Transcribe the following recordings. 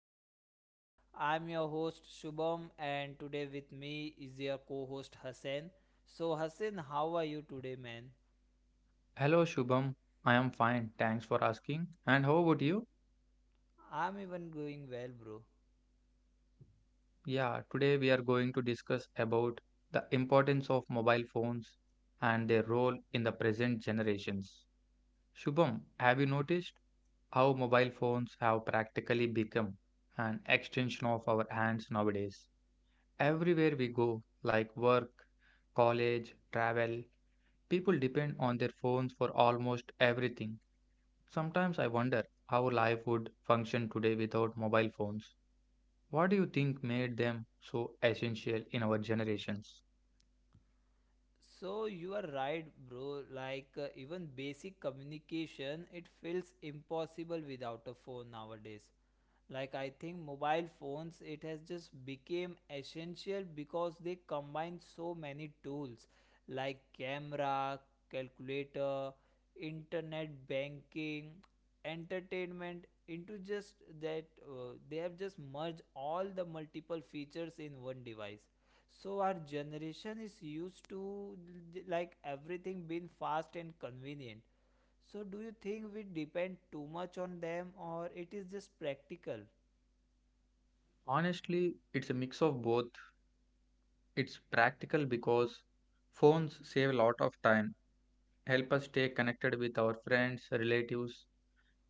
podcast. I'm your host Shubham, and today with me is your co host Hassan. So, Hassan, how are you today, man? Hello Shubham, I am fine, thanks for asking. And how about you? I'm even going well, bro. Yeah, today we are going to discuss about the importance of mobile phones and their role in the present generations. Shubham, have you noticed how mobile phones have practically become an extension of our hands nowadays? Everywhere we go, like work, college, travel, people depend on their phones for almost everything. Sometimes I wonder how life would function today without mobile phones. What do you think made them so essential in our generations? So, you are right, bro. Even basic communication, it feels impossible without a phone nowadays. Like, I think mobile phones, it has just became essential because they combine so many tools like camera, calculator, internet banking, entertainment into just that. Uh, they have just merged all the multiple features in one device. So our generation is used to like everything being fast and convenient. So, do you think we depend too much on them, or it is just practical? Honestly, it's a mix of both. It's practical because phones save a lot of time, help us stay connected with our friends, relatives,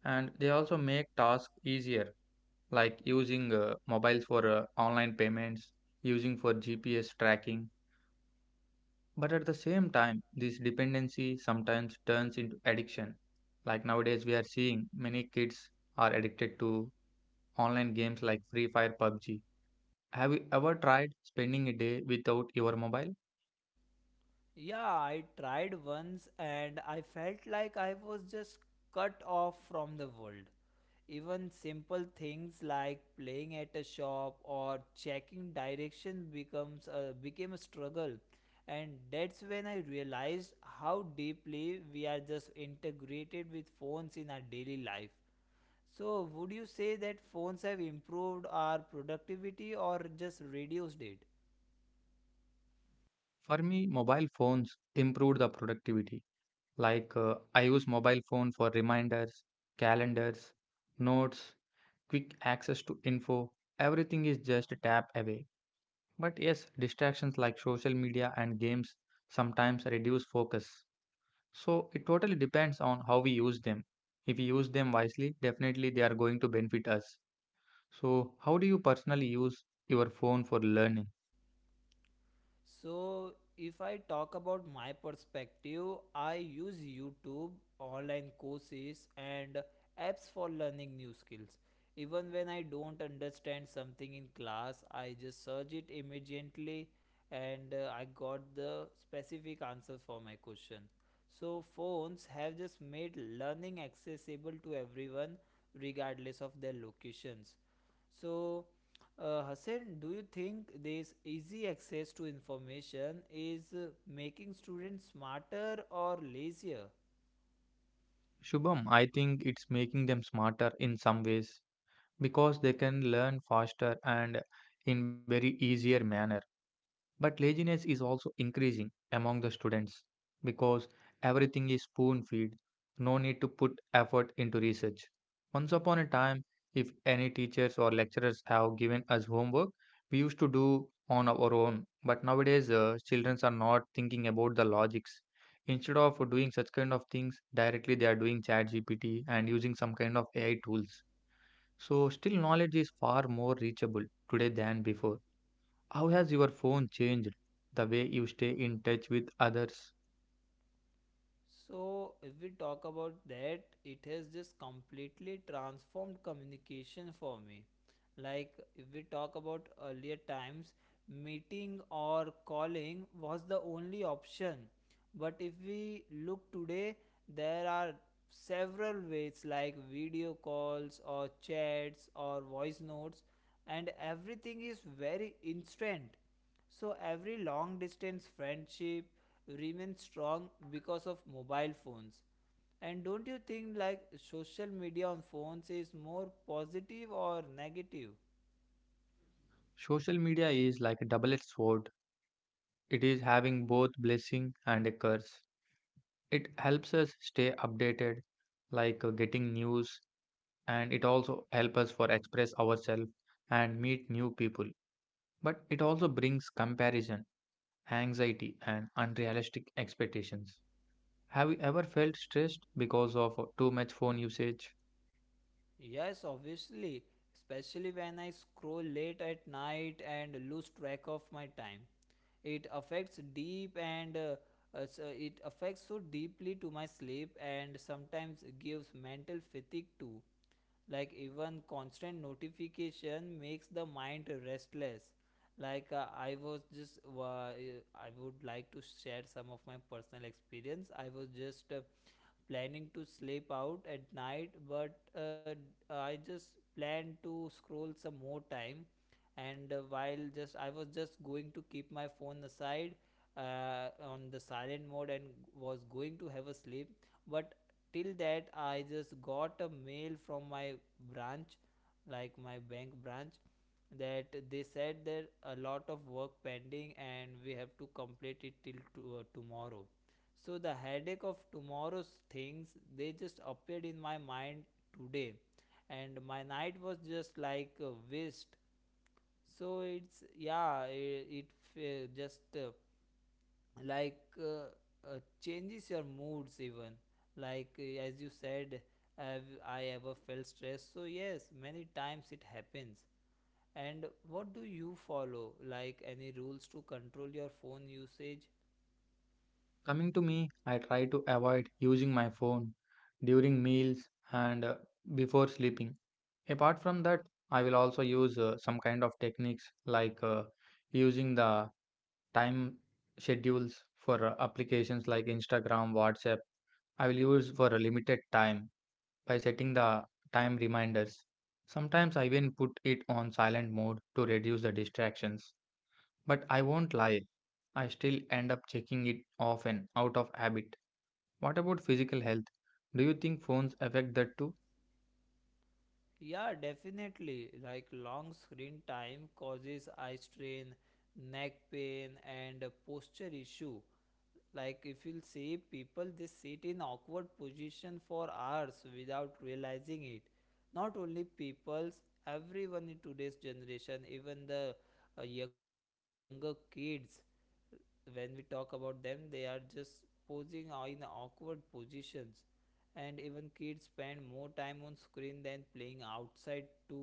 and they also make tasks easier, like using mobiles for online payments, using for GPS tracking. But at the same time, this dependency sometimes turns into addiction. Like nowadays, we are seeing many kids are addicted to online games like Free Fire, PUBG. Have you ever tried spending a day without your mobile? Yeah, I tried once and I felt like I was just cut off from the world. Even simple things like playing at a shop or checking direction becomes a, became a struggle. And that's when I realized how deeply we are just integrated with phones in our daily life. So, would you say that phones have improved our productivity or just reduced it? For me, mobile phones improved the productivity. Like I use mobile phone for reminders, calendars, notes, quick access to info. Everything is just a tap away. But yes, distractions like social media and games sometimes reduce focus. So it totally depends on how we use them. If we use them wisely, definitely they are going to benefit us. So, how do you personally use your phone for learning? So, if I talk about my perspective, I use YouTube, online courses, and apps for learning new skills. Even when I don't understand something in class, I just search it immediately and I got the specific answer for my question. So, phones have just made learning accessible to everyone regardless of their locations. So, Hassan, do you think this easy access to information is making students smarter or lazier? Shubham, I think it's making them smarter in some ways because they can learn faster and in very easier manner. But laziness is also increasing among the students because everything is spoon fed, no need to put effort into research. Once upon a time, if any teachers or lecturers have given us homework, we used to do on our own. But nowadays, children are not thinking about the logics. Instead of doing such kind of things, directly they are doing ChatGPT and using some kind of AI tools. So, still, knowledge is far more reachable today than before. How has your phone changed the way you stay in touch with others? So, if we talk about that, it has just completely transformed communication for me. Like, if we talk about earlier times, meeting or calling was the only option. But if we look today, there are several ways like video calls or chats or voice notes, and everything is very instant. So every long distance friendship remains strong because of mobile phones. And don't you think like social media on phones is more positive or negative? Social media is like a double edged sword. It is having both blessing and a curse. It helps us stay updated, like getting news, and it also helps us for express ourselves and meet new people. But it also brings comparison, anxiety, and unrealistic expectations. Have you ever felt stressed because of too much phone usage? Yes, obviously, especially when I scroll late at night and lose track of my time. It affects deep and uh, it affects so deeply to my sleep and sometimes gives mental fatigue too. Like even constant notification makes the mind restless. Like I was just I would like to share some of my personal experience. I was just planning to sleep out at night, but I just planned to scroll some more time. And while just I was just going to keep my phone aside on the silent mode and was going to have a sleep, but till that I just got a mail from my branch, like my bank branch, that they said that a lot of work pending and we have to complete it till to, tomorrow. So the headache of tomorrow's things, they just appeared in my mind today, and my night was just like a waste. So it's yeah, it just like changes your moods even. As you said, have I ever felt stressed? So yes, many times it happens. And what do you follow? Like, any rules to control your phone usage? Coming to me, I try to avoid using my phone during meals and before sleeping. Apart from that, I will also use some kind of techniques like using the time schedules for applications like Instagram, WhatsApp. I will use for a limited time by setting the time reminders. Sometimes I even put it on silent mode to reduce the distractions. But I won't lie, I still end up checking it often out of habit. What about physical health? Do you think phones affect that too? Yeah, definitely. Like long screen time causes eye strain, neck pain, and a posture issue. Like, if you'll see people, they sit in awkward position for hours without realizing it. Not only people's, everyone in today's generation, even the younger kids. When we talk about them, they are just posing in awkward positions. And even kids spend more time on screen than playing outside too.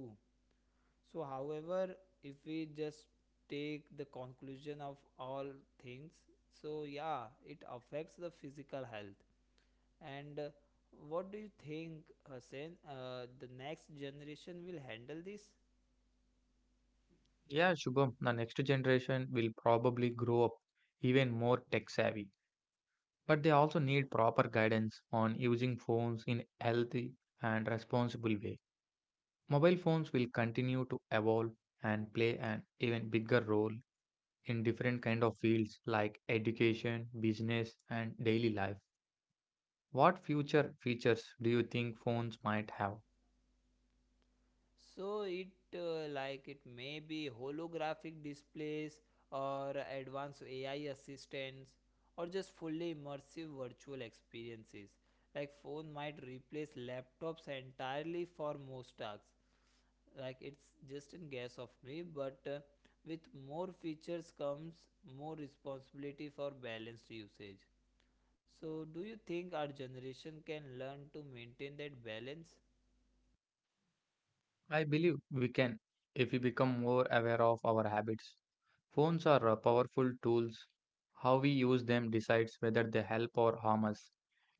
So, however, if we just take the conclusion of all things, so yeah, it affects the physical health. And what do you think, Hussein, the next generation will handle this? Yeah, Shubham, the next generation will probably grow up even more tech savvy, but they also need proper guidance on using phones in healthy and responsible way. Mobile phones will continue to evolve and play an even bigger role in different kind of fields like education, business and daily life. What future features do you think phones might have? So it like, it may be holographic displays or advanced AI assistants or just fully immersive virtual experiences. Like phone might replace laptops entirely for most tasks. Like, it's just a guess of me, but with more features comes more responsibility for balanced usage. So, do you think our generation can learn to maintain that balance? I believe we can if we become more aware of our habits. Phones are powerful tools. How we use them decides whether they help or harm us.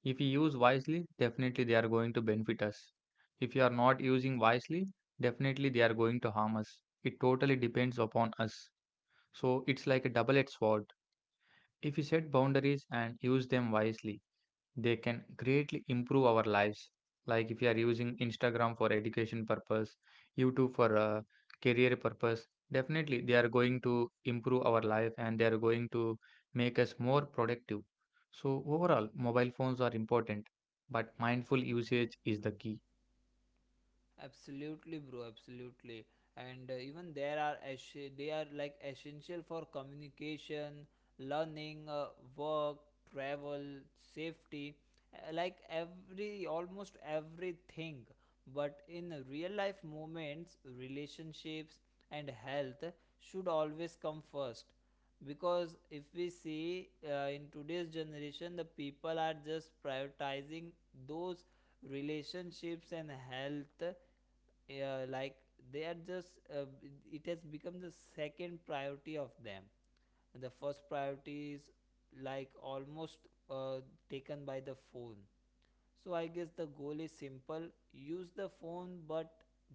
If we use wisely, definitely they are going to benefit us. If we are not using wisely, definitely they are going to harm us. It totally depends upon us. So it's like a double edged sword. If we set boundaries and use them wisely, they can greatly improve our lives, like if you are using Instagram for education purpose, YouTube for career purpose, definitely they are going to improve our life and they are going to make us more productive. So overall, mobile phones are important, but mindful usage is the key. Absolutely, bro. Absolutely, and even there are es- they are like essential for communication, learning, work, travel, safety, like every almost everything. But in real life moments, relationships and health should always come first, because if we see in today's generation, the people are just prioritizing those relationships and health, like they are just it has become the second priority of them, and the first priority is like almost uh, taken by the phone. So I guess the goal is simple: use the phone, but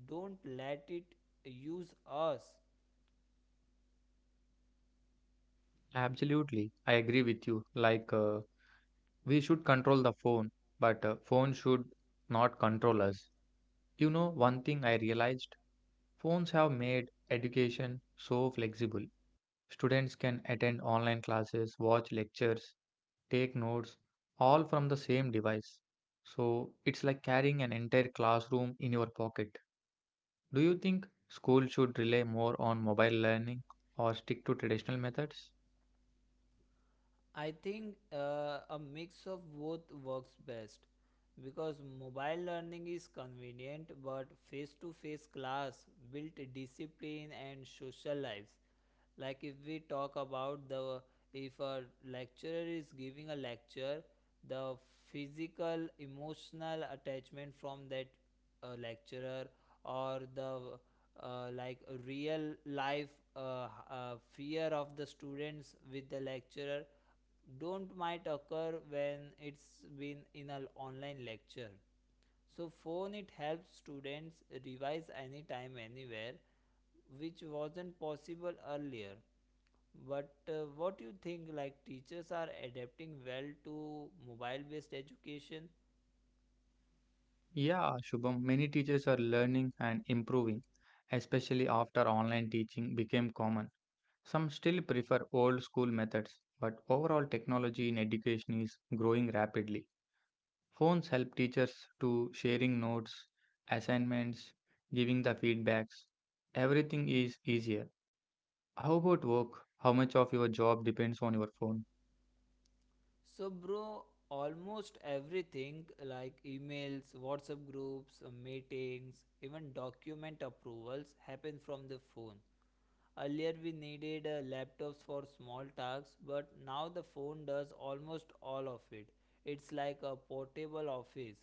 don't let it use us. Absolutely, I agree with you. Like we should control the phone, but phone should not control us. You know, one thing I realized, phones have made education so flexible. Students can attend online classes, watch lectures, take notes, all from the same device. So it's like carrying an entire classroom in your pocket. Do you think school should rely more on mobile learning or stick to traditional methods? I think a mix of both works best, because mobile learning is convenient, but face to face class built discipline and social lives. Like, if we talk about the, if a lecturer is giving a lecture, the physical emotional attachment from that lecturer or the uh, like real life fear of the students with the lecturer don't might occur when it's been in an online lecture. So phone, it helps students revise anytime anywhere, which wasn't possible earlier. But what do you think, like, teachers are adapting well to mobile based education? Yeah, Shubham, many teachers are learning and improving, especially after online teaching became common. Some still prefer old school methods, but overall technology in education is growing rapidly. Phones help teachers to sharing notes, assignments, giving the feedbacks. Everything is easier. How about work? How much of your job depends on your phone? So bro, almost everything, like emails, WhatsApp groups, meetings, even document approvals happen from the phone. Earlier, we needed laptops for small tasks, but now the phone does almost all of it. It's like a portable office.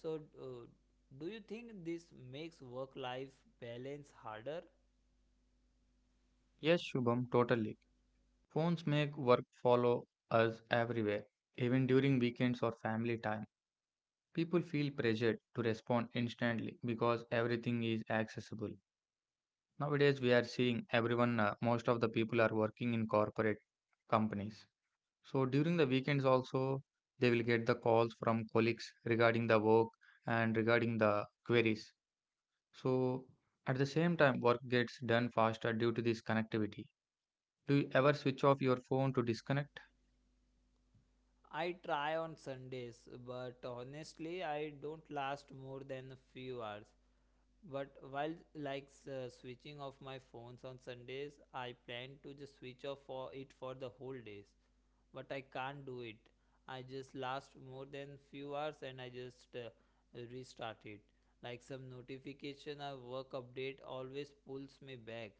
So, do you think this makes work life balance harder? Yes, Shubham, totally. Phones make work follow us everywhere, even during weekends or family time. People feel pressured to respond instantly because everything is accessible. Nowadays, we are seeing everyone, most of the people are working in corporate companies. So during the weekends also, they will get the calls from colleagues regarding the work and regarding the queries. So at the same time, work gets done faster due to this connectivity. Do you ever switch off your phone to disconnect? I try on Sundays, but honestly, I don't last more than a few hours. But while switching off my phones on Sundays, I plan to just switch off for it for the whole days. But I can't do it. I just last more than few hours and I just restart it. Like some notification or work update always pulls me back,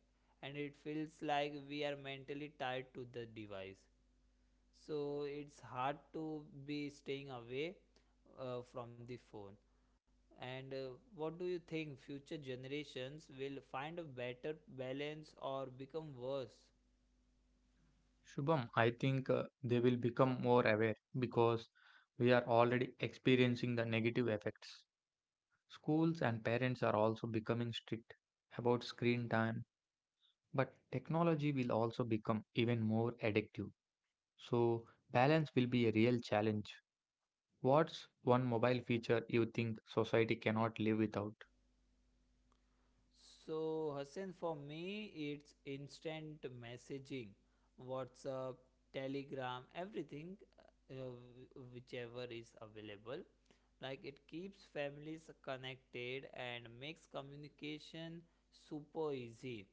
and it feels like we are mentally tied to the device. So it's hard to be staying away from the phone. And what do you think, future generations will find a better balance or become worse? Shubham, I think they will become more aware because we are already experiencing the negative effects. Schools and parents are also becoming strict about screen time. But technology will also become even more addictive. So, balance will be a real challenge. What's one mobile feature you think society cannot live without? So, Hassan, for me, it's instant messaging, WhatsApp, Telegram, everything, uh, whichever is available. Like, it keeps families connected and makes communication super easy.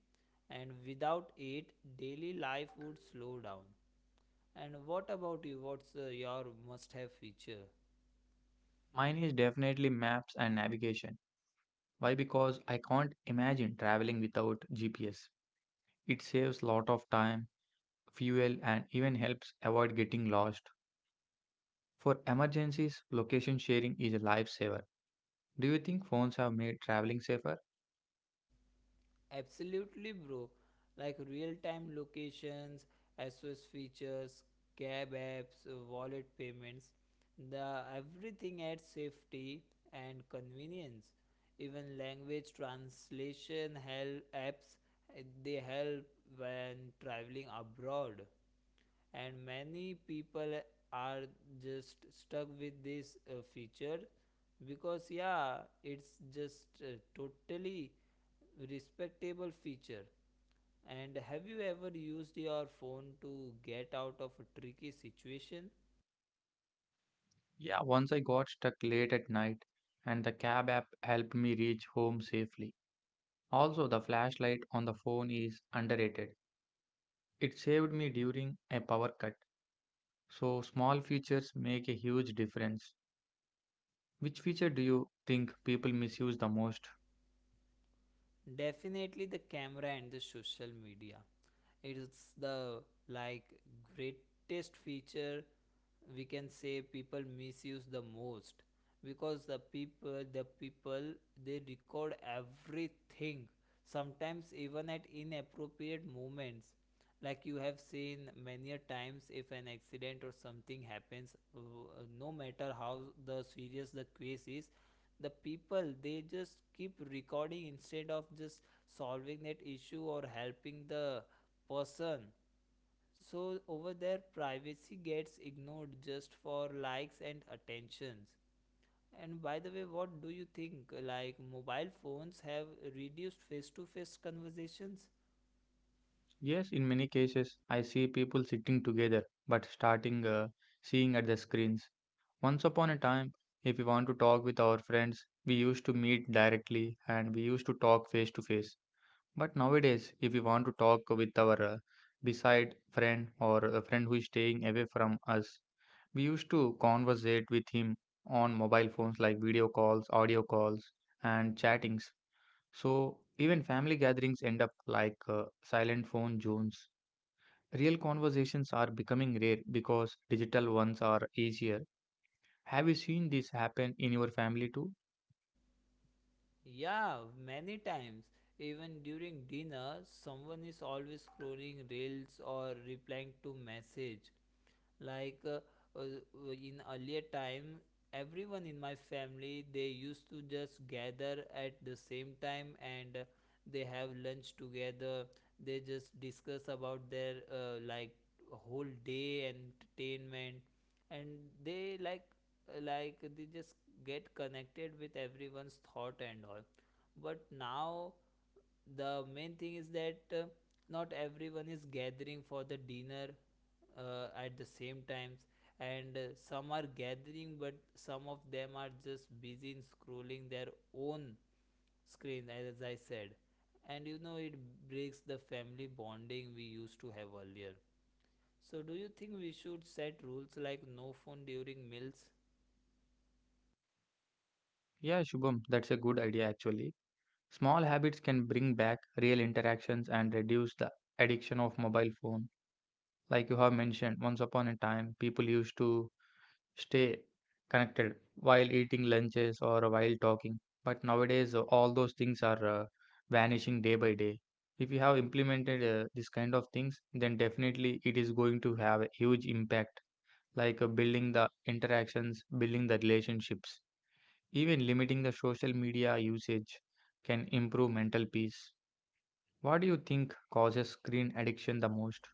And without it, daily life would slow down. And what about you? What's your must have feature? Mine is definitely maps and navigation. Why? Because I can't imagine traveling without GPS. It saves lot of time, fuel, and even helps avoid getting lost. For emergencies, location sharing is a lifesaver. Do you think phones have made traveling safer? Absolutely, bro. Like real time locations, SOS features, cab apps, wallet payments, the everything adds safety and convenience. Even language translation help apps they help when traveling abroad, and many people are just stuck with this feature because yeah, it's just totally respectable feature. And have you ever used your phone to get out of a tricky situation? Yeah, once I got stuck late at night, and the cab app helped me reach home safely. Also, the flashlight on the phone is underrated. It saved me during a power cut. So, small features make a huge difference. Which feature do you think people misuse the most? Definitely the camera and the social media. It's the like greatest feature, we can say people misuse the most, because the people they record everything sometimes even at inappropriate moments. Like, you have seen many a times, if an accident or something happens, no matter how the serious the case is, the people, they just keep recording instead of just solving that issue or helping the person. So over there, privacy gets ignored just for likes and attentions. And by the way, what do you think, like, mobile phones have reduced face to face conversations? Yes, in many cases, I see people sitting together but starting seeing at the screens. Once upon a time, if we want to talk with our friends, we used to meet directly and we used to talk face to face. But nowadays, if we want to talk with our beside friend or a friend who is staying away from us, we used to conversate with him on mobile phones like video calls, audio calls, and chattings. So even family gatherings end up like silent phone zones. Real conversations are becoming rare because digital ones are easier. Have you seen this happen in your family too? Yeah, many times. Even during dinner, someone is always scrolling reels or replying to message. like uh, uh, in earlier time, everyone in my family, they used to just gather at the same time, and they have lunch together. They just discuss about their whole day entertainment, and they they just get connected with everyone's thought and all. But now, the main thing is that not everyone is gathering for the dinner at the same times. And some are gathering, but some of them are just busy in scrolling their own screen, as I said. And you know, it breaks the family bonding we used to have earlier. So, do you think we should set rules like no phone during meals? Yeah, Shubham, that's a good idea actually. Small habits can bring back real interactions and reduce the addiction of mobile phone. Like you have mentioned, once upon a time, people used to stay connected while eating lunches or while talking. But nowadays, all those things are vanishing day by day. If you have implemented this kind of things, then definitely it is going to have a huge impact, like building the interactions, building the relationships. Even limiting the social media usage can improve mental peace. What do you think causes screen addiction the most?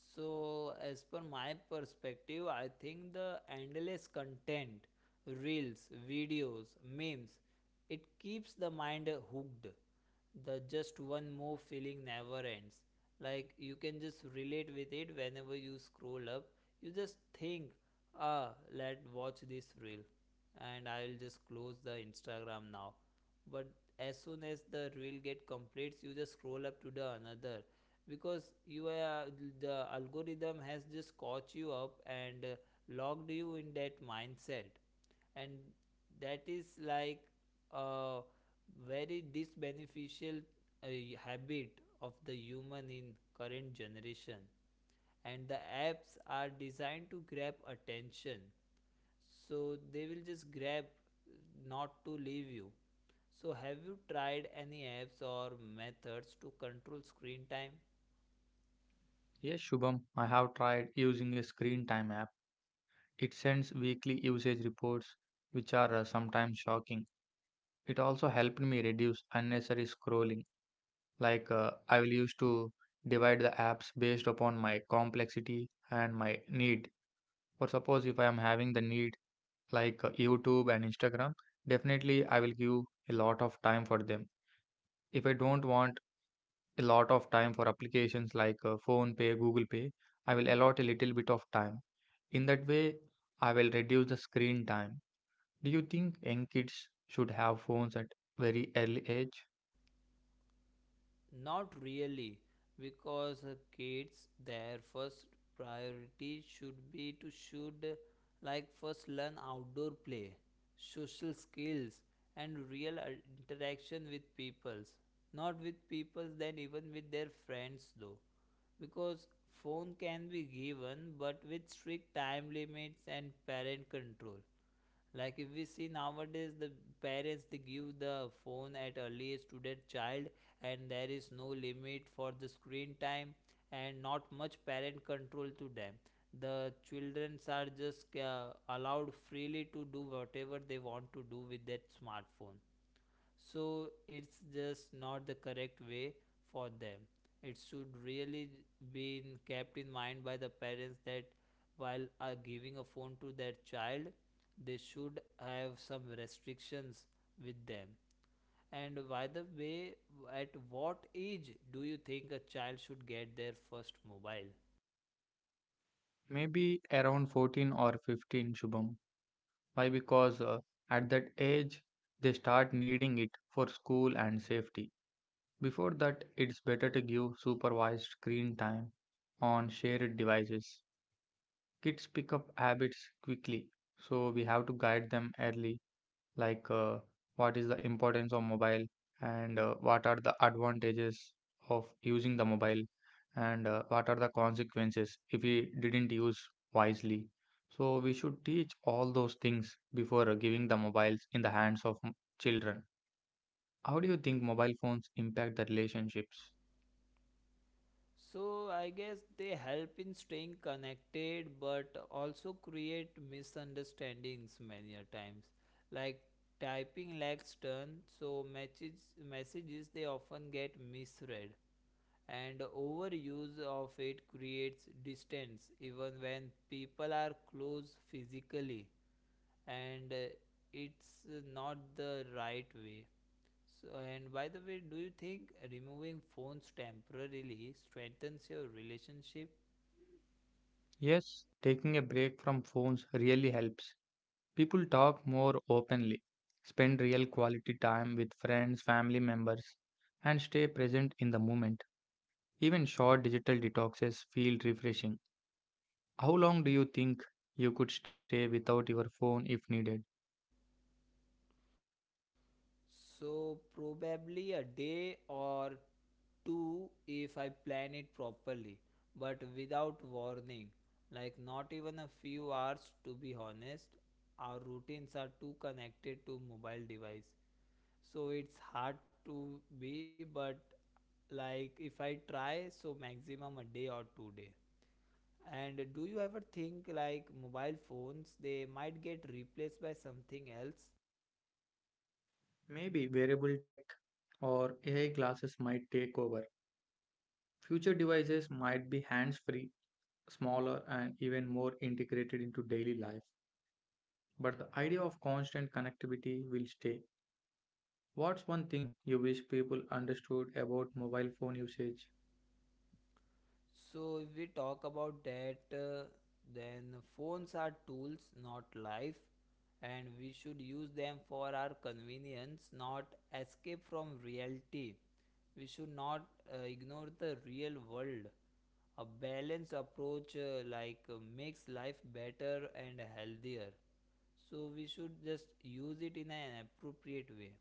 So, as per my perspective, I think the endless content, reels, videos, memes, it keeps the mind hooked. The just one more feeling never ends. Like, you can just relate with it whenever you scroll up. You just think, ah, let watch this reel, and I'll just close the Instagram now. But as soon as the reel get completes, you just scroll up to the another, because you are the algorithm has just caught you up and locked you in that mindset, and that is like a very disbeneficial uh, habit of the human in current generation. And the apps are designed to grab attention, so they will just grab, not to leave you. So have you tried any apps or methods to control screen time? Yes, Shubham, I have tried using a screen time app. It sends weekly usage reports, which are sometimes shocking. It also helped me reduce unnecessary scrolling. Like, I will used to divide the apps based upon my complexity and my need. For suppose if I am having the need like YouTube and Instagram, definitely I will give a lot of time for them. If I don't want a lot of time for applications like phone pay, google pay, I will allot a little bit of time. In that way, I will reduce the screen time. Do you think young kids should have phones at very early age? Not really, because kids, their first priority should be to should like first learn outdoor play, social skills, and real interaction with peoples. Not with peoples, then even with their friends though, because phone can be given, but with strict time limits and parent control. Like if we see nowadays, the parents they give the phone at earliest to that child, and there is no limit for the screen time and not much parent control to them. The children are just allowed freely to do whatever they want to do with that smartphone, so it's just not the correct way for them. It should really kept in mind by the parents that while are giving a phone to their child, they should have some restrictions with them. And by the way, at what age do you think a child should get their first mobile? Maybe around 14 or 15, Shubham. Why? Because at that age they start needing it for school and safety. Before that, it's better to give supervised screen time on shared devices. Kids pick up habits quickly, so we have to guide them early, like what is the importance of mobile and what are the advantages of using the mobile and what are the consequences if we didn't use wisely. So we should teach all those things before giving the mobiles in the hands of children. How do you think mobile phones impact the relationships? So I guess they help in staying connected but also create misunderstandings many a times. Like typing lacks turn, so messages they often get misread, and overuse of it creates distance even when people are close physically, and it's not the right way. So, and by the way, do you think removing phones temporarily strengthens your relationship? Yes, taking a break from phones really helps. People talk more openly, spend real quality time with friends, family members, and stay present in the moment. Even short digital detoxes feel refreshing. How long do you think you could stay without your phone if needed? So, probably a day or two if I plan it properly, but without warning. Like, not even a few hours to be honest. Our routines are too connected to mobile device, so it's hard to be. But like if I try, so maximum a day or 2 day. And do you ever think like mobile phones, they might get replaced by something else? Maybe wearable tech or AI glasses might take over. Future devices might be hands free, smaller, and even more integrated into daily life. But the idea of constant connectivity will stay. What's one thing you wish people understood about mobile phone usage? So if we talk about that, then phones are tools, not life, and we should use them for our convenience, not escape from reality. We should not ignore the real world. A balanced approach makes life better and healthier. So we should just use it in an appropriate way.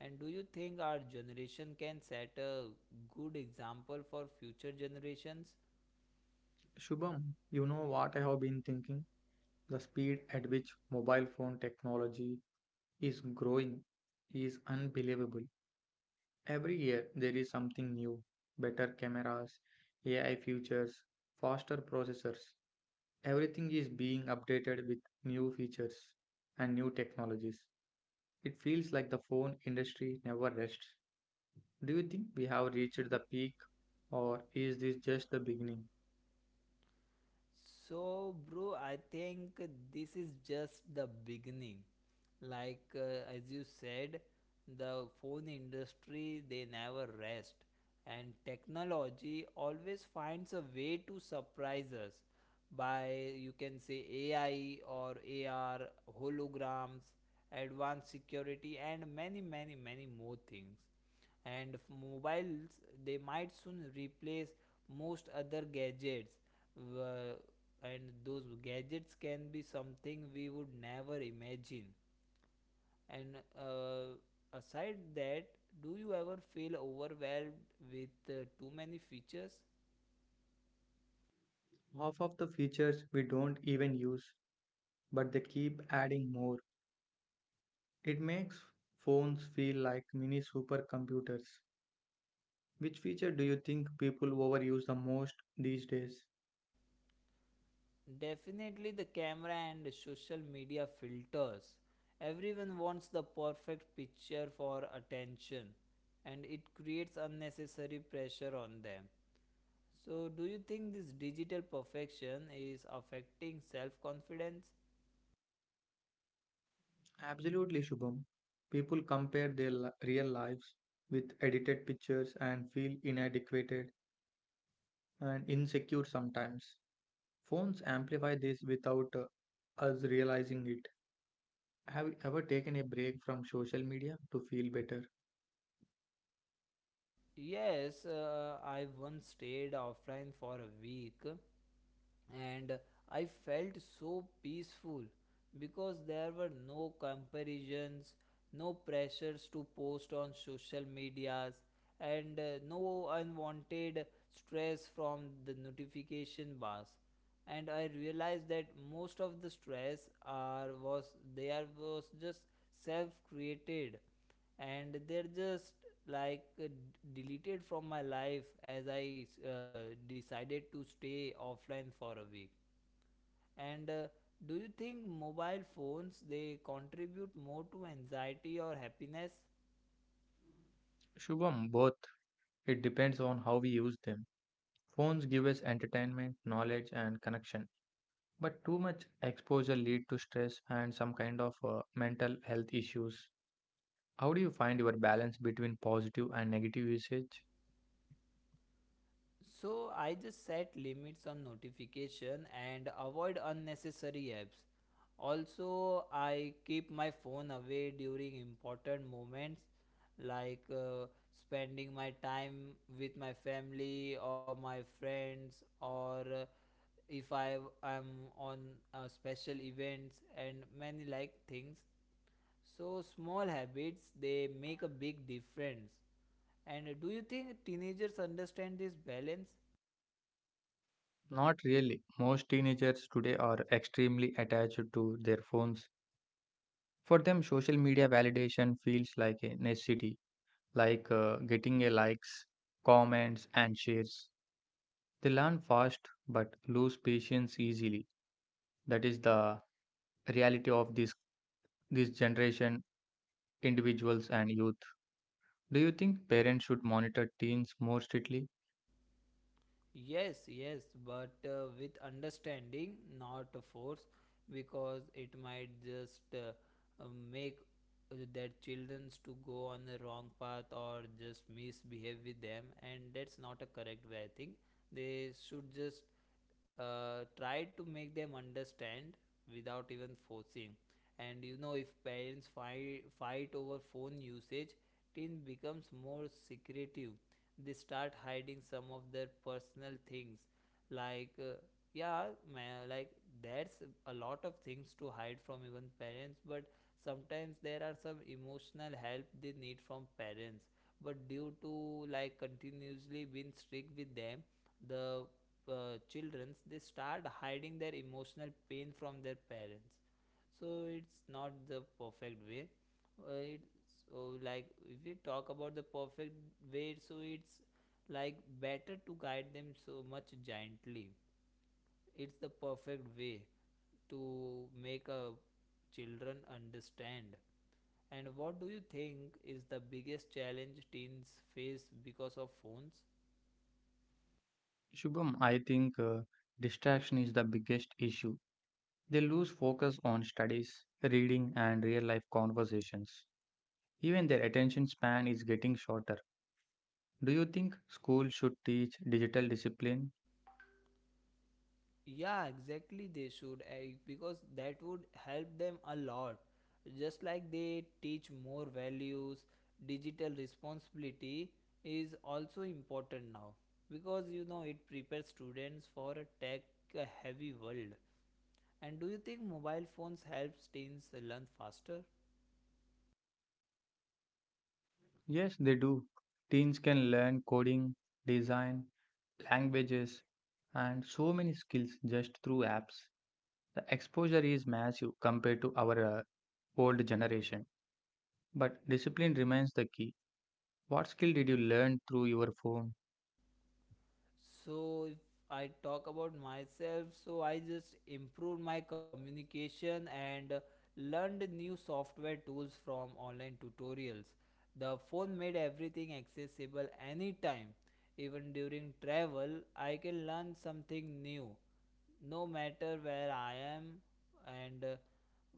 And do you think our generation can set a good example for future generations? Shubham, you know what I have been thinking? The speed at which mobile phone technology is growing is unbelievable. Every year there is something new, better cameras, AI features, faster processors. Everything is being updated with new features and new technologies. It feels like the phone industry never rests. Do you think we have reached the peak, or is this just the beginning? So, bro, I think this is just the beginning. Like, as you said, the phone industry they never rest, and technology always finds a way to surprise us. By you can say AI or AR, holograms, advanced security, and many, many, many more things. And mobiles, they might soon replace most other gadgets. Wha- and those gadgets can be something we would never imagine. And aside that, do you ever feel overwhelmed with too many features? Half of the features we don't even use, but they keep adding more. It makes phones feel like mini supercomputers. Which feature do you think people overuse the most these days? Definitely the camera and social media filters. Everyone wants the perfect picture for attention, and it creates unnecessary pressure on them. So, do you think this digital perfection is affecting self confidence? Absolutely, Shubham. People compare their real lives with edited pictures and feel inadequate and insecure sometimes. Phones amplify this without us realizing it. Have you ever taken a break from social media to feel better? Yes, I once stayed offline for a week, and I felt so peaceful because there were no comparisons, no pressures to post on social medias, and no unwanted stress from the notification bars. And I realized that most of the stress are was there was just self created, and they're just like uh, deleted from my life as I decided to stay offline for a week. And do you think mobile phones they contribute more to anxiety or happiness? Shubham, both. It depends on how we use them. Phones give us entertainment, knowledge, and connection, but too much exposure lead to stress and some kind of mental health issues. How do you find your balance between positive and negative usage? So I just set limits on notification and avoid unnecessary apps. Also, I keep my phone away during important moments, like spending my time with my family or my friends, or if I am on special events and many like things. So small habits they make a big difference. And do you think teenagers understand this balance? Not really. Most teenagers today are extremely attached to their phones. For them, social media validation feels like a necessity. Like getting a likes, comments, and shares. They learn fast but lose patience easily. That is the reality of this generation, individuals and youth. Do you think parents should monitor teens more strictly? Yes, yes, but with understanding, not a force, because it might just uh, make their childrens to go on the wrong path or just misbehave with them, and that's not a correct way. I think they should just try to make them understand without even forcing. And you know, if parents fight over phone usage, teen becomes more secretive. They start hiding some of their personal things, like yeah man, like there's a lot of things to hide from even parents. But sometimes there are some emotional help they need from parents, but due to like continuously being strict with them, the childrens they start hiding their emotional pain from their parents. So it's not the perfect way. It so Like if we talk about the perfect way, so it's like better to guide them so much gently. It's the perfect way to make a children understand. And what do you think is the biggest challenge teens face because of phones? Shubham, I think distraction is the biggest issue. They lose focus on studies, reading, and real life conversations. Even their attention span is getting shorter. Do you think school should teach digital discipline? Yeah, exactly. They should because that would help them a lot. Just like they teach more values, digital responsibility is also important now, because you know it prepares students for a tech heavy world. And do you think mobile phones helps teens learn faster? Yes, they do. Teens can learn coding, design, languages, and so many skills just through apps. The exposure is massive compared to our old generation, but discipline remains the key. What skill did you learn through your phone? So if I talk about myself, so I just improved my communication and learned new software tools from online tutorials. The phone made everything accessible anytime. Even during travel, I can learn something new, no matter where I am. And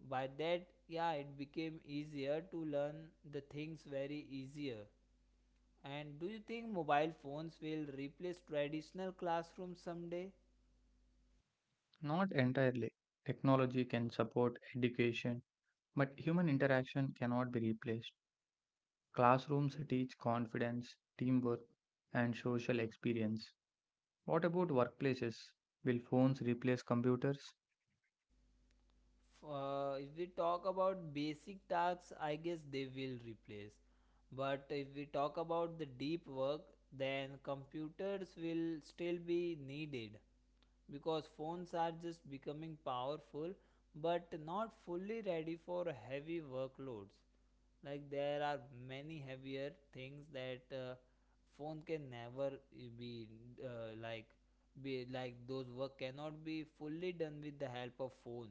by that, yeah, it became easier to learn the things very easier. And do you think mobile phones will replace traditional classrooms someday? Not entirely. Technology can support education, but human interaction cannot be replaced. Classrooms teach confidence, teamwork, and social experience. What about workplaces? Will phones replace computers? If we talk about basic tasks, I guess they will replace. But if we talk about the deep work, then computers will still be needed, because phones are just becoming powerful but not fully ready for heavy workloads. Like there are many heavier things that phone can never be like be like those work cannot be fully done with the help of phone.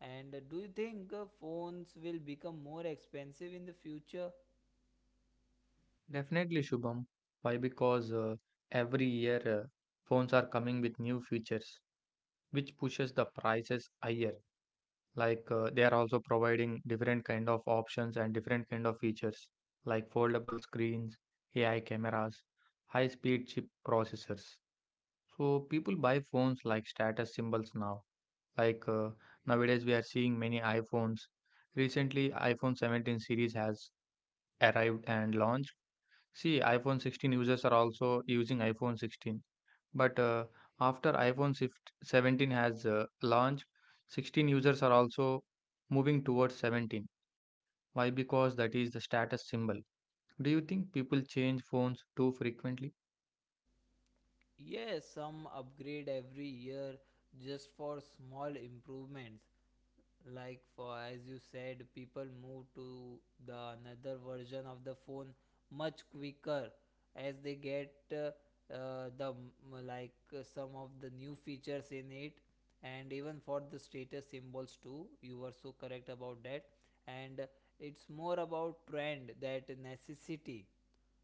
And do you think phones will become more expensive in the future? Definitely, Shubham. Why? Because every year phones are coming with new features, which pushes the prices higher. Like they are also providing different kind of options and different kind of features, like foldable screens, AI cameras, high-speed chip processors. So people buy phones like status symbols now. Like nowadays, we are seeing many iPhones. Recently iphone 17 series has arrived and launched. See, iPhone 16 users are also using iPhone 16. But after iPhone 16, 17 has launched, 16 users are also moving towards 17. Why? Because that is the status symbol. Do you think people change phones too frequently? Yes, some upgrade every year just for small improvements, like for as you said, people move to the another version of the phone much quicker as they get the m- like some of the new features in it. And even for the status symbols too, you were so correct about that. And it's more about trend that necessity,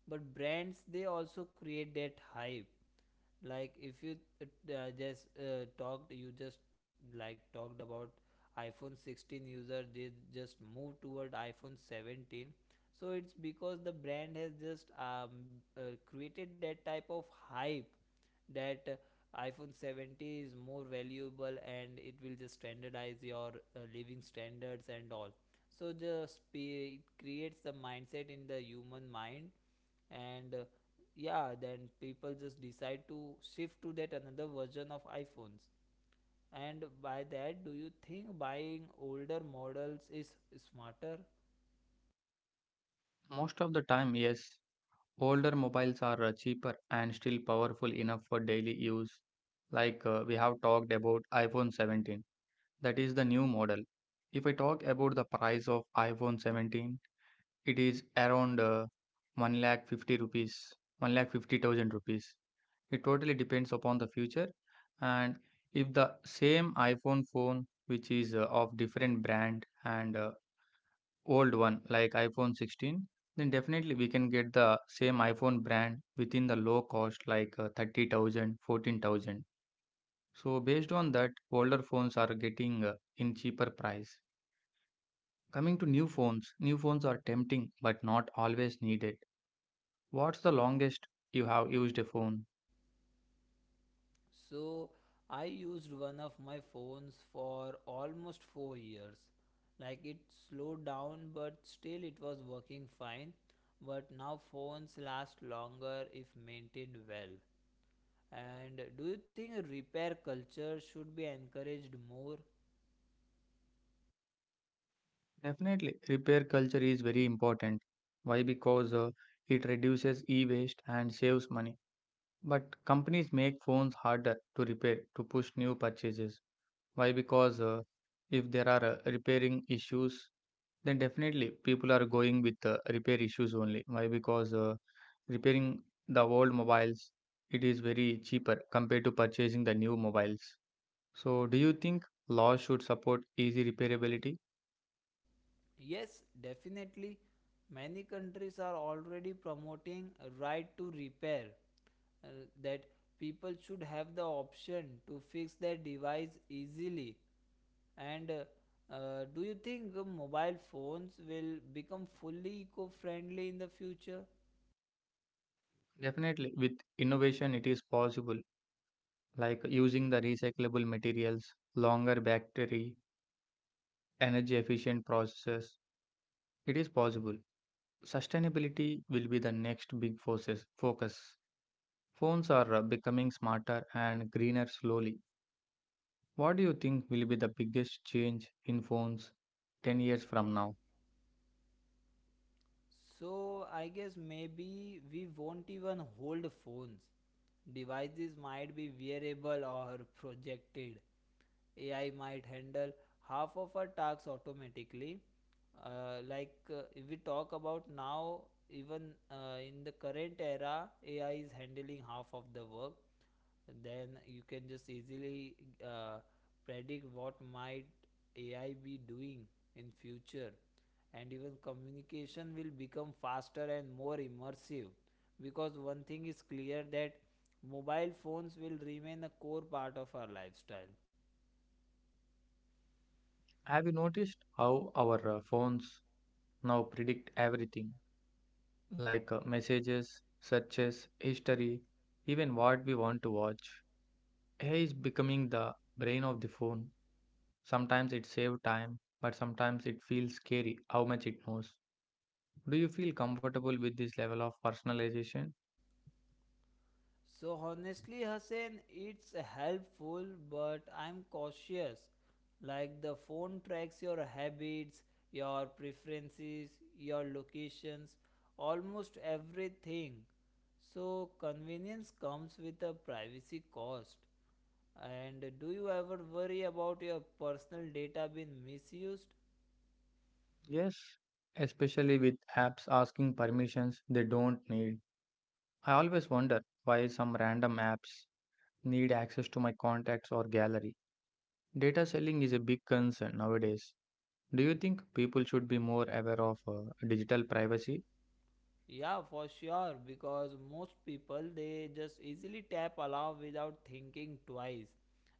but brands they also create that hype. Like if you just talked you just like talked about iphone 16 user, they just move toward iphone 17. So it's because the brand has just created that type of hype that iphone 70 is more valuable and it will just standardize your living standards and all. So just it creates the mindset in the human mind. And yeah, then people just decide to shift to that another version of iPhones. And by that, do you think buying older models is smarter? Most of the time, yes. Older mobiles are cheaper and still powerful enough for daily use. Like we have talked about iPhone 17. That is the new model. If I talk about the price of iPhone 17, it is around 1 lakh 50 rupees, 1 lakh 50,000 rupees. It totally depends upon the future. And if the same iPhone phone, which is of different brand and old one like iPhone 16, then definitely we can get the same iPhone brand within the low cost like 30,000. So based on that, older phones are getting in cheaper price. Coming to new phones are tempting but not always needed. What's the longest you have used a phone? So I used one of my phones for almost 4 years. Like it slowed down, but still it was working fine. But now phones last longer if maintained well. And do you think repair culture should be encouraged more? Definitely, repair culture is very important. Why? Because it reduces e waste and saves money. But companies make phones harder to repair to push new purchases. Why? Because if there are repairing issues, then definitely people are going with repair issues only. Why? Because repairing the old mobiles, it is very cheaper compared to purchasing the new mobiles. So do you think laws should support easy repairability? Yes, definitely. Many countries are already promoting a right to repair, uh, that people should have the option to fix their device easily. And do you think mobile phones will become fully eco friendly in the future? Definitely. With innovation, it is possible, like using the recyclable materials, longer battery, energy efficient processes. It is possible. Sustainability will be the next big forces focus. Phones are becoming smarter and greener slowly. What do you think will be the biggest change in phones 10 years from now? So I guess maybe we won't even hold phones. Devices might be wearable or projected. AI might handle half of our tasks automatically. If we talk about now, even in the current era, AI is handling half of the work. Then you can just easily uh, predict what might AI be doing in future. And even communication will become faster and more immersive, because one thing is clear that mobile phones will remain a core part of our lifestyle. Have you noticed how our phones now predict everything, like messages, searches, history, even what we want to watch? AI is becoming the brain of the phone. Sometimes it saves time, but sometimes it feels scary how much it knows. Do you feel comfortable with this level of personalization? So honestly Hussein, it's helpful, but I'm cautious. Like the phone tracks your habits, your preferences, your locations, almost everything. So convenience comes with a privacy cost. And do you ever worry about your personal data being misused? Yes, especially with apps asking permissions they don't need. I always wonder why some random apps need access to my contacts or gallery. Data selling is a big concern nowadays. Do you think people should be more aware of digital privacy? Yeah, for sure, because most people they just easily tap allow without thinking twice,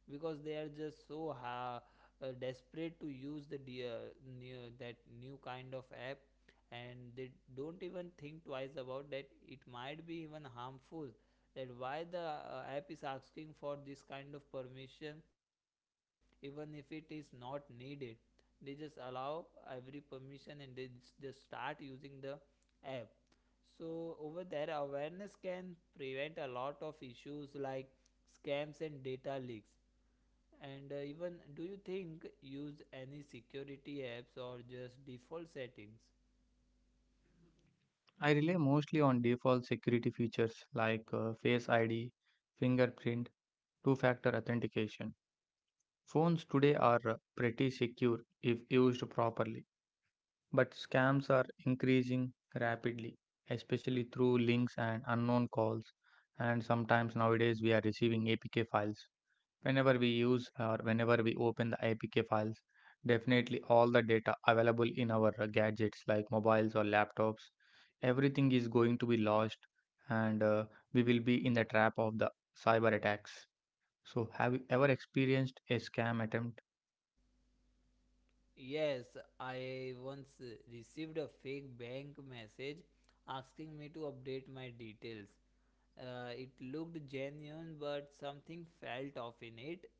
because they are desperate to use the that new kind of app, and they don't even think twice about that it might be even harmful, that why the app is asking for this kind of permission even if it is not needed. They just allow every permission and they just start using the app. So over there, awareness can prevent a lot of issues like scams and data leaks. And even, do you think use any security apps or just default settings? I rely mostly on default security features like Face ID, fingerprint, two factor authentication. Phones today are pretty secure if used properly. But scams are increasing rapidly, especially through links and unknown calls. And sometimes nowadays we are receiving APK files. Whenever we use or whenever we open the APK files, definitely all the data available in our gadgets like mobiles or laptops, everything is going to be lost and we will be in the trap of the cyber attacks. So, have you ever experienced a scam attempt? Yes, I once received a fake bank message asking me to update my details. It looked genuine, but something felt off in it.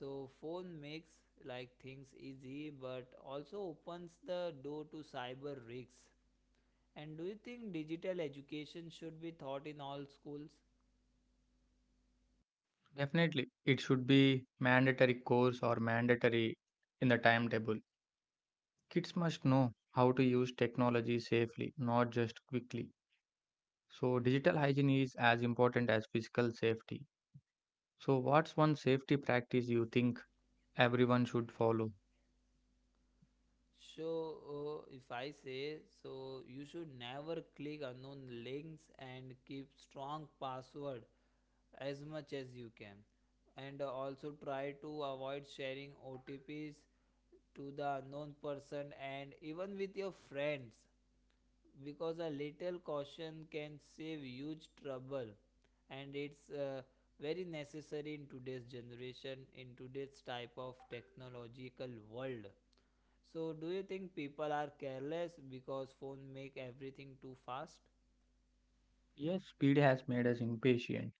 So phone makes like things easy but also opens the door to cyber risks. And do you think digital education should be taught in all schools? Definitely, it should be mandatory course or mandatory in the timetable. Kids must know how to use technology safely, not just quickly. So, digital hygiene is as important as physical safety. So, what's one safety practice you think everyone should follow? So if I say so, you should never click unknown links and keep strong password as much as you can, and also try to avoid sharing OTPs to the unknown person and even with your friends, because a little caution can save huge trouble. And it's very necessary in today's generation, in today's type of technological world. So do you think people are careless because phone make everything too fast? Yes, speed has made us impatient.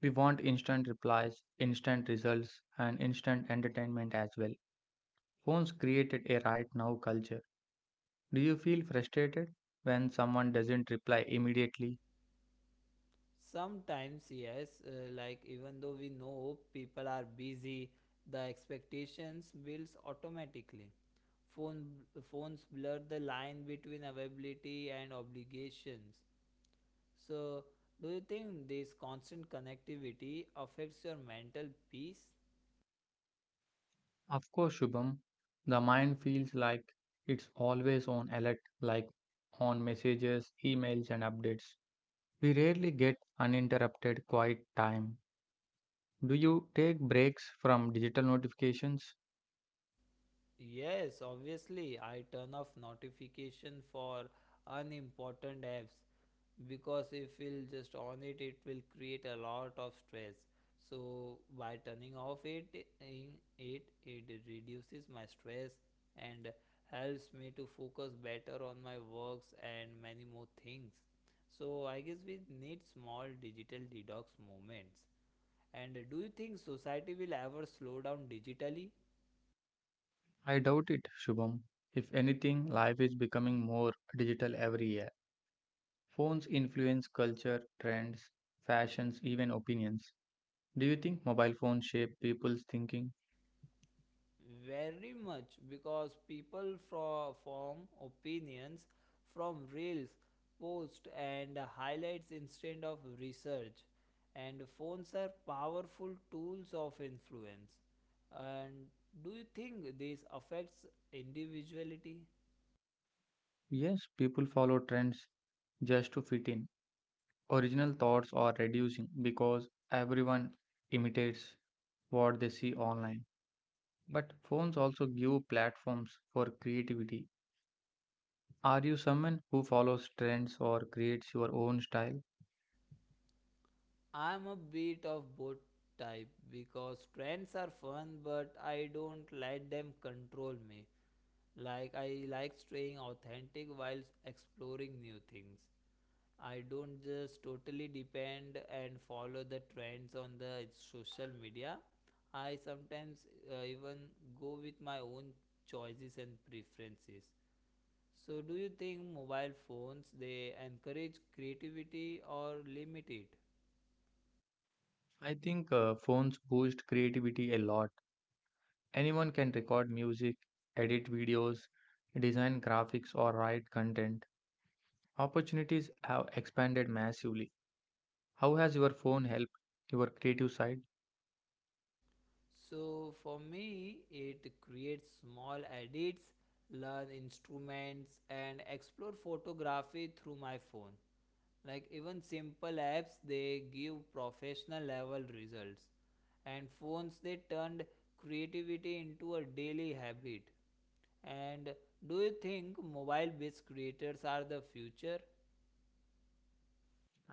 We want instant replies, instant results, and instant entertainment as well. Phones created a right now culture. Do you feel frustrated when someone doesn't reply immediately? Sometimes yes, like even though we know people are busy, the expectations builds automatically. Phone phones blur the line between availability and obligations. So, do you think this constant connectivity affects your mental peace? Of course, Shubham, the mind feels like it's always on alert, like on messages, emails, and updates. We rarely get uninterrupted quiet time. Do you take breaks from digital notifications? Yes, obviously, I turn off notification for unimportant apps, because if we'll just on it, it will create a lot of stress. So by turning off it, in it it reduces my stress and helps me to focus better on my works and many more things. So I guess we need small digital detox moments. And do you think society will ever slow down digitally? I doubt it, Shubham. If anything, life is becoming more digital every year. Phones influence culture, trends, fashions, even opinions. Do you think mobile phones shape people's thinking? Very much, because people form opinions from reels, posts, and highlights instead of research. And phones are powerful tools of influence. And do you think this affects individuality? Yes, people follow trends just to fit in. Original thoughts are reducing because everyone imitates what they see online. But phones also give platforms for creativity. Are you someone who follows trends or creates your own style? I'm a bit of both type, because trends are fun, but I don't let them control me. Like, I like staying authentic while exploring new things. I don't just totally depend and follow the trends on the social media. I sometimes even go with my own choices and preferences. So do you think mobile phones they encourage creativity or limit it? I think phones boost creativity a lot. Anyone can record music, edit videos, design graphics, or write content. Opportunities have expanded massively. How has your phone helped your creative side? So for me it creates small edits, learn instruments and explore photography through my phone. Like even simple apps they give professional level results, and phones they turned creativity into a daily habit. And do you think mobile based creators are the future?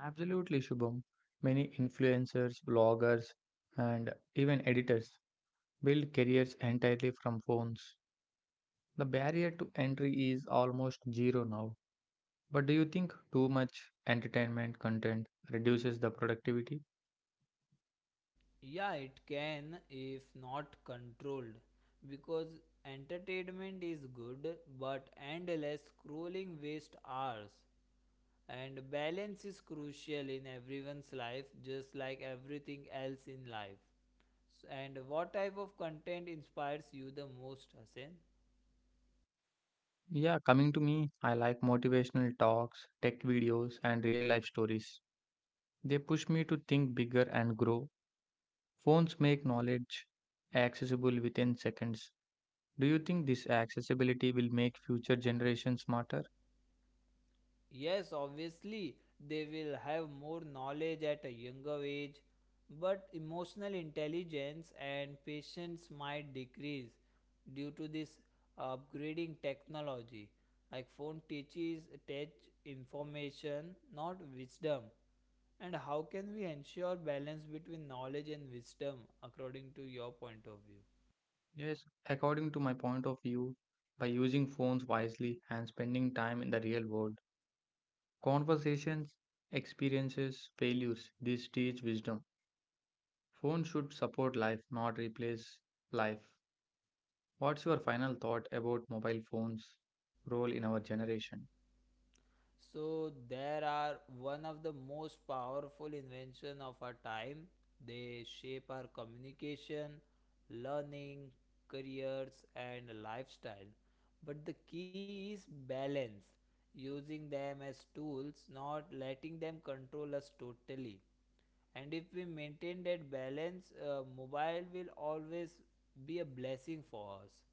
Absolutely, Shubham. Many influencers, bloggers, and even editors build careers entirely from phones. The barrier to entry is almost zero now. But do you think too much entertainment content reduces the productivity? Yeah, it can if not controlled, because entertainment is good but endless scrolling waste hours, and balance is crucial in everyone's life, just like everything else in life. And what type of content inspires you the most, Hasan? Yeah, coming to me, I like motivational talks, tech videos, and real life stories. They push me to think bigger and grow. Phones make knowledge accessible within seconds. Do you think this accessibility will make future generations smarter? Yes, obviously, they will have more knowledge at a younger age, but emotional intelligence and patience might decrease due to this upgrading technology. Like phone teaches tech information, not wisdom. And how can we ensure balance between knowledge and wisdom according to your point of view? Yes, according to my point of view, by using phones wisely and spending time in the real world, conversations, experiences, failures, this teach wisdom. Phones should support life, not replace life. What's your final thought about mobile phones' role in our generation? So there are one of the most powerful invention of our time. They shape our communication, learning, careers and lifestyle. But the key is balance, using them as tools, not letting them control us totally. And if we maintain that balance, mobile will always be a blessing for us.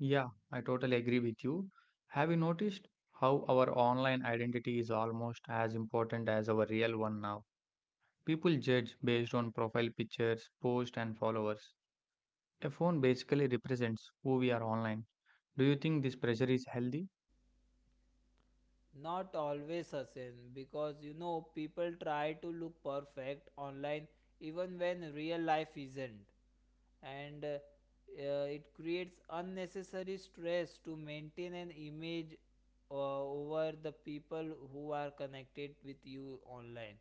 Yeah, I totally agree with you. Have you noticed how our online identity is almost as important as our real one now? People judge based on profile pictures, posts, and followers. A phone basically represents who we are online. Do you think this pressure is healthy? Not always, Hussein, because you know people try to look perfect online even when real life isn't, and it creates unnecessary stress to maintain an image over the people who are connected with you online.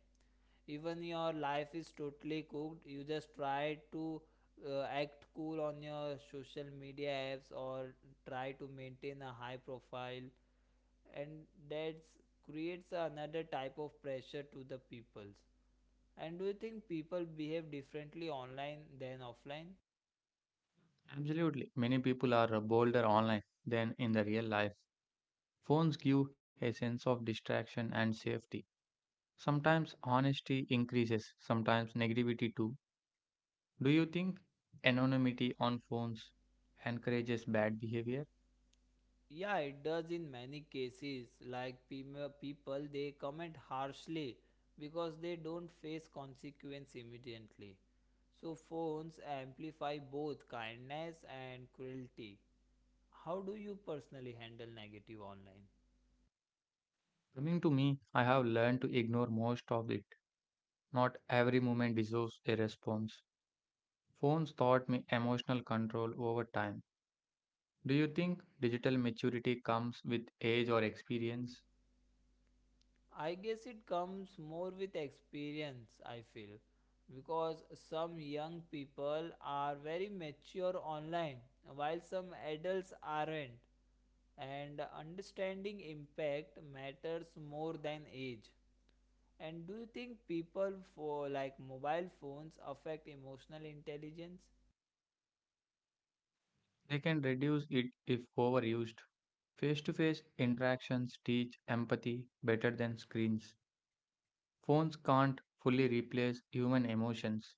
Even your life is totally cooked, you just try to act cool on your social media apps or try to maintain a high profile, and that creates another type of pressure to the peoples. And do you think people behave differently online than offline? Absolutely. Many people are bolder online than in the real life. Phones give a sense of distraction and safety. Sometimes honesty increases, sometimes negativity too. Do you think anonymity on phones encourages bad behavior? Yeah, it does in many cases. Like people, they comment harshly because they don't face consequence immediately. So, phones amplify both kindness and cruelty. How do you personally handle negative online? Coming to me, I have learned to ignore most of it. Not every moment deserves a response. Phones taught me emotional control over time. Do you think digital maturity comes with age or experience? I guess it comes more with experience, I feel, because some young people are very mature online while some adults aren't, and understanding impact matters more than age. And do you think people for like mobile phones affect emotional intelligence? They can reduce it if overused. Face to face interactions teach empathy better than screens. Phones can't fully replace human emotions.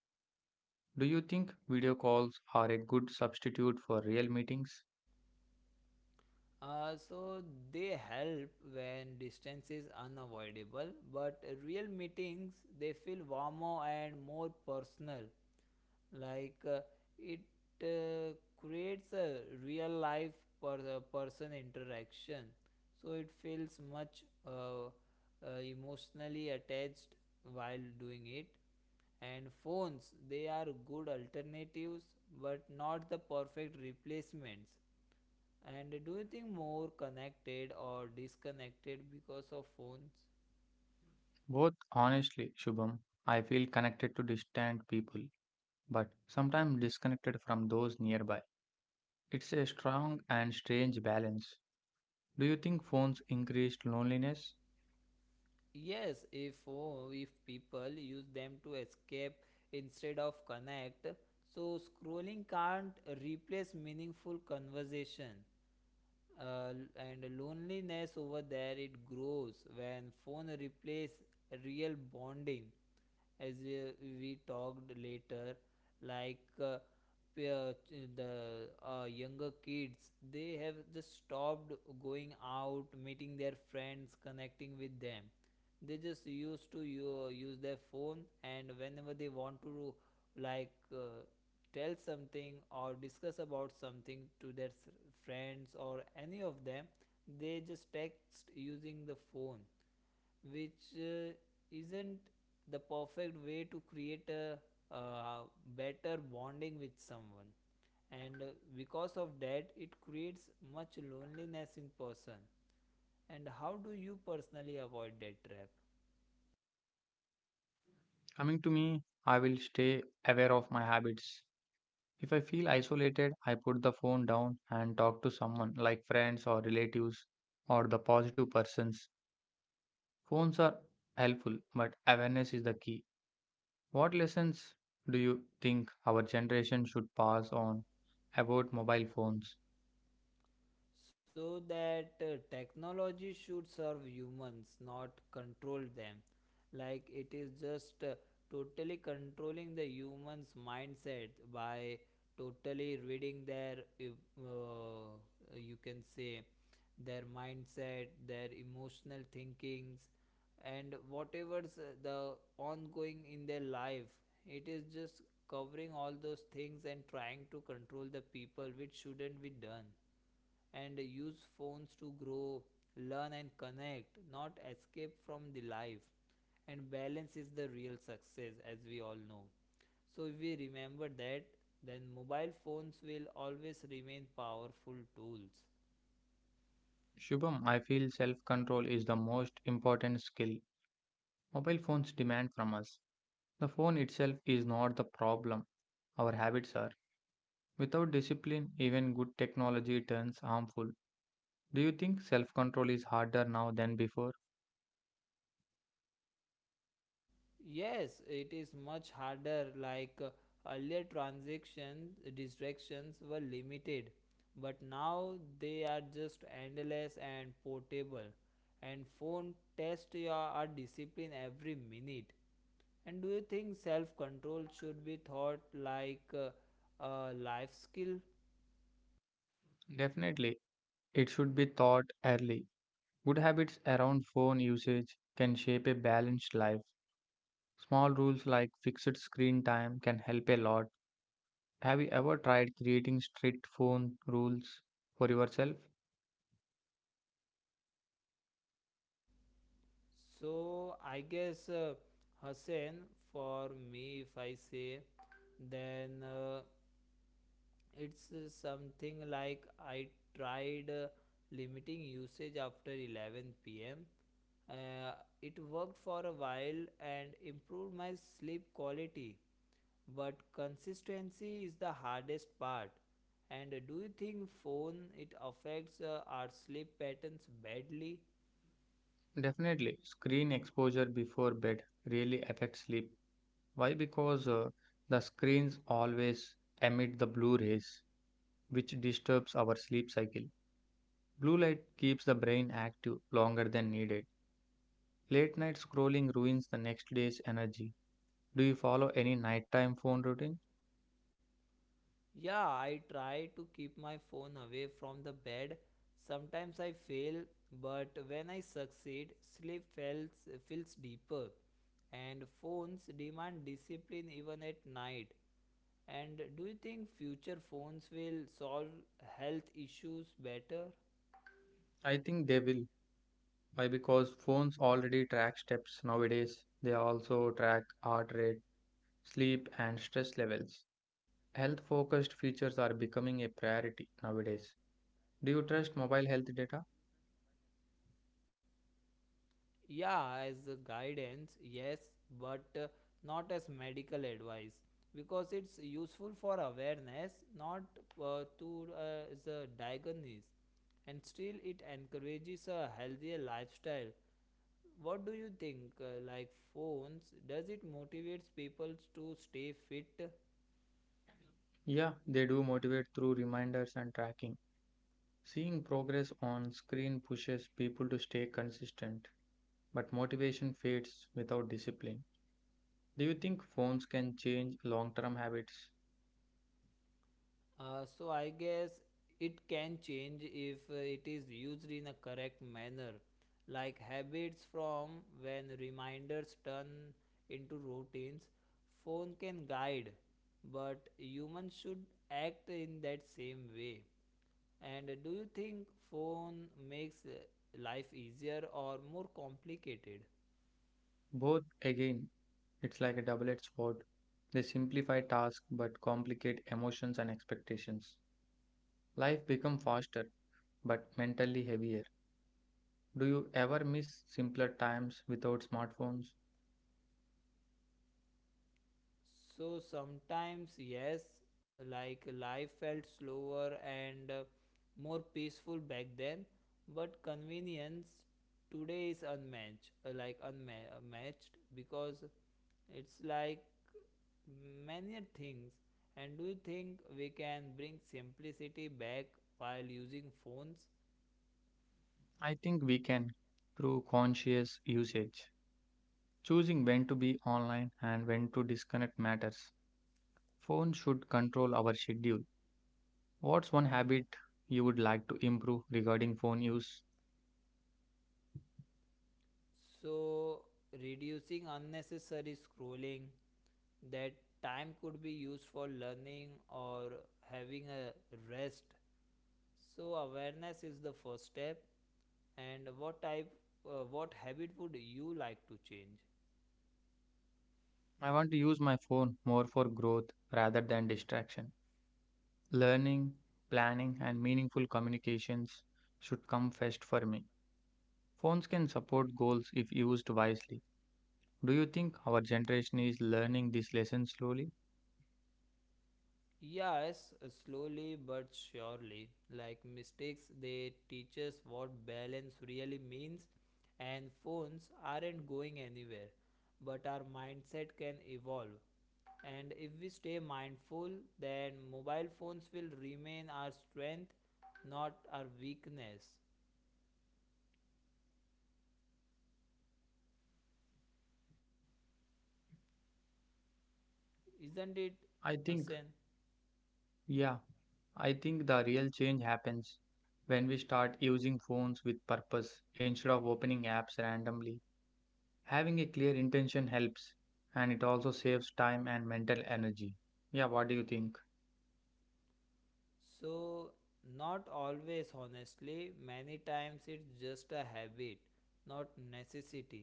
Do you think video calls are a good substitute for real meetings? So they help when distance is unavoidable, but real meetings they feel warmer and more personal. Like it uh, creates a real life person interaction, so it feels much emotionally attached while doing it. And phones they are good alternatives, but not the perfect replacements. And do you think more connected or disconnected because of phones? Both, honestly, Shubham, I feel connected to distant people, but sometimes disconnected from those nearby. It's a strong and strange balance. Do you think phones increased loneliness? Yes, if phone, if people use them to escape instead of connect, so scrolling can't replace meaningful conversation. And loneliness over there it grows when phone replace real bonding. As we talked later, like uh, uh, the younger kids they have just stopped going out, meeting their friends, connecting with them. They just used to use their phone, and whenever they want to like uh, tell something or discuss about something to their friends or any of them, they just text using the phone, which isn't the perfect way to create a uh, better bonding with someone. And because of that it creates much loneliness in person. And how do you personally avoid that trap? Coming to me, I will stay aware of my habits. If I feel isolated, I put the phone down and talk to someone like friends or relatives or the positive persons. Phones are helpful, but awareness is the key. What lessons do you think our generation should pass on about mobile phones? So that technology should serve humans, not control them. Like it is just totally controlling the humans mindset by totally reading their you can say their mindset, their emotional thinkings, and whatever's the ongoing in their life. It is just covering all those things and trying to control the people, which shouldn't be done. And use phones to grow, learn and connect, not escape from the life. And balance is the real success, as we all know. So if we remember that, then mobile phones will always remain powerful tools. Shubham, I feel self control is the most important skill mobile phones demand from us. The phone itself is not the problem, our habits are. Without discipline, even good technology turns harmful. Do you think self control is harder now than before? Yes, it is much harder. Like earlier transactions, distractions were limited, but now they are just endless and portable. And phone test your our discipline every minute. And do you think self control should be thought like a life skill? Definitely, it should be taught early. Good habits around phone usage can shape a balanced life. Small rules like fixed screen time can help a lot. Have you ever tried creating strict phone rules for yourself? So I guess Hussein, for me, if I say, then. It's something like I tried limiting usage after 11 pm. Uh, it worked for a while and improved my sleep quality, but consistency is the hardest part. And do you think phone it affects our sleep patterns badly? Definitely, screen exposure before bed really affects sleep. Why? Because the screens always emit the blue rays, which disturbs our sleep cycle. Blue light keeps the brain active longer than needed. Late night scrolling ruins the next day's energy. Do you follow any nighttime phone routine? Yeah, I try to keep my phone away from the bed. Sometimes I fail, but when I succeed, sleep feels deeper. And phones demand discipline even at night. And do you think future phones will solve health issues better? I think they will. Why? Because phones already track steps nowadays. They also track heart rate, sleep, and stress levels. Health focused features are becoming a priority nowadays. Do you trust mobile health data? Yeah, as a guidance, yes, but not as medical advice, because it's useful for awareness, not to as a diagnosis. And still, it encourages a healthier lifestyle. What do you think? Like phones, does it motivates people to stay fit? Yeah, they do motivate through reminders and tracking. Seeing progress on screen pushes people to stay consistent, but motivation fades without discipline. Do you think phones can change long term habits? So I guess it can change if it is used in a correct manner, like habits from when reminders turn into routines. Phone can guide, but humans should act in that same way. And do you think phone makes life easier or more complicated? Both, again, it's like a double edged sword. They simplify tasks but complicate emotions and expectations. Life becomes faster but mentally heavier. Do you ever miss simpler times without smartphones? So sometimes, yes, like life felt slower and more peaceful back then, but convenience today is unmatched, like unmatched, because it's like many things. And do you think we can bring simplicity back while using phones? I think we can through conscious usage. Choosing when to be online and when to disconnect matters. Phone should control our schedule. What's one habit you would like to improve regarding phone use? So reducing unnecessary scrolling, that time could be used for learning or having a rest. So awareness is the first step. And what type, what habit would you like to change? I want to use my phone more for growth rather than distraction. Learning, planning, and meaningful communications should come first for me. Phones can support goals if used wisely. Do you think our generation is learning this lesson slowly? Yes, slowly but surely, like mistakes they teach us what balance really means. And phones aren't going anywhere, but our mindset can evolve. And if we stay mindful, then mobile phones will remain our strength, not our weakness. Isn't it, I think, Hassan? yeah, I think the real change happens when we start using phones with purpose instead of opening apps randomly. Having a clear intention helps and it also saves time and mental energy. Yeah, what do you think? So not always, honestly, many times it's just a habit, not necessity,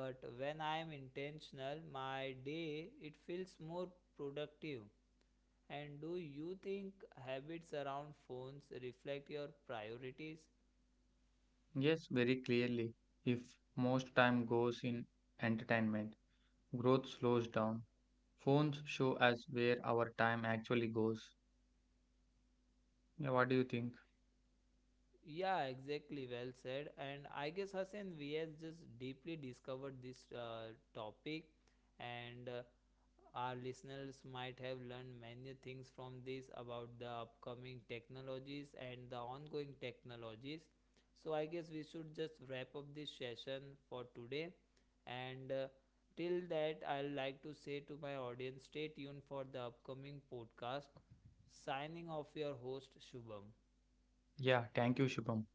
but when I am intentional, my day it feels more productive. And do you think habits around phones reflect your priorities? Yes, very clearly. If most time goes in entertainment, growth slows down. Phones show us where our time actually goes. Yeah, what do you think? Yeah, exactly. Well said. And I guess Hussein, we has just deeply discovered this topic, and our listeners might have learned many things from this about the upcoming technologies and the ongoing technologies. So I guess we should just wrap up this session for today. And till that, I would like to say to my audience, stay tuned for the upcoming podcast. Signing off, your host Shubham. Yeah, thank you, Shubham.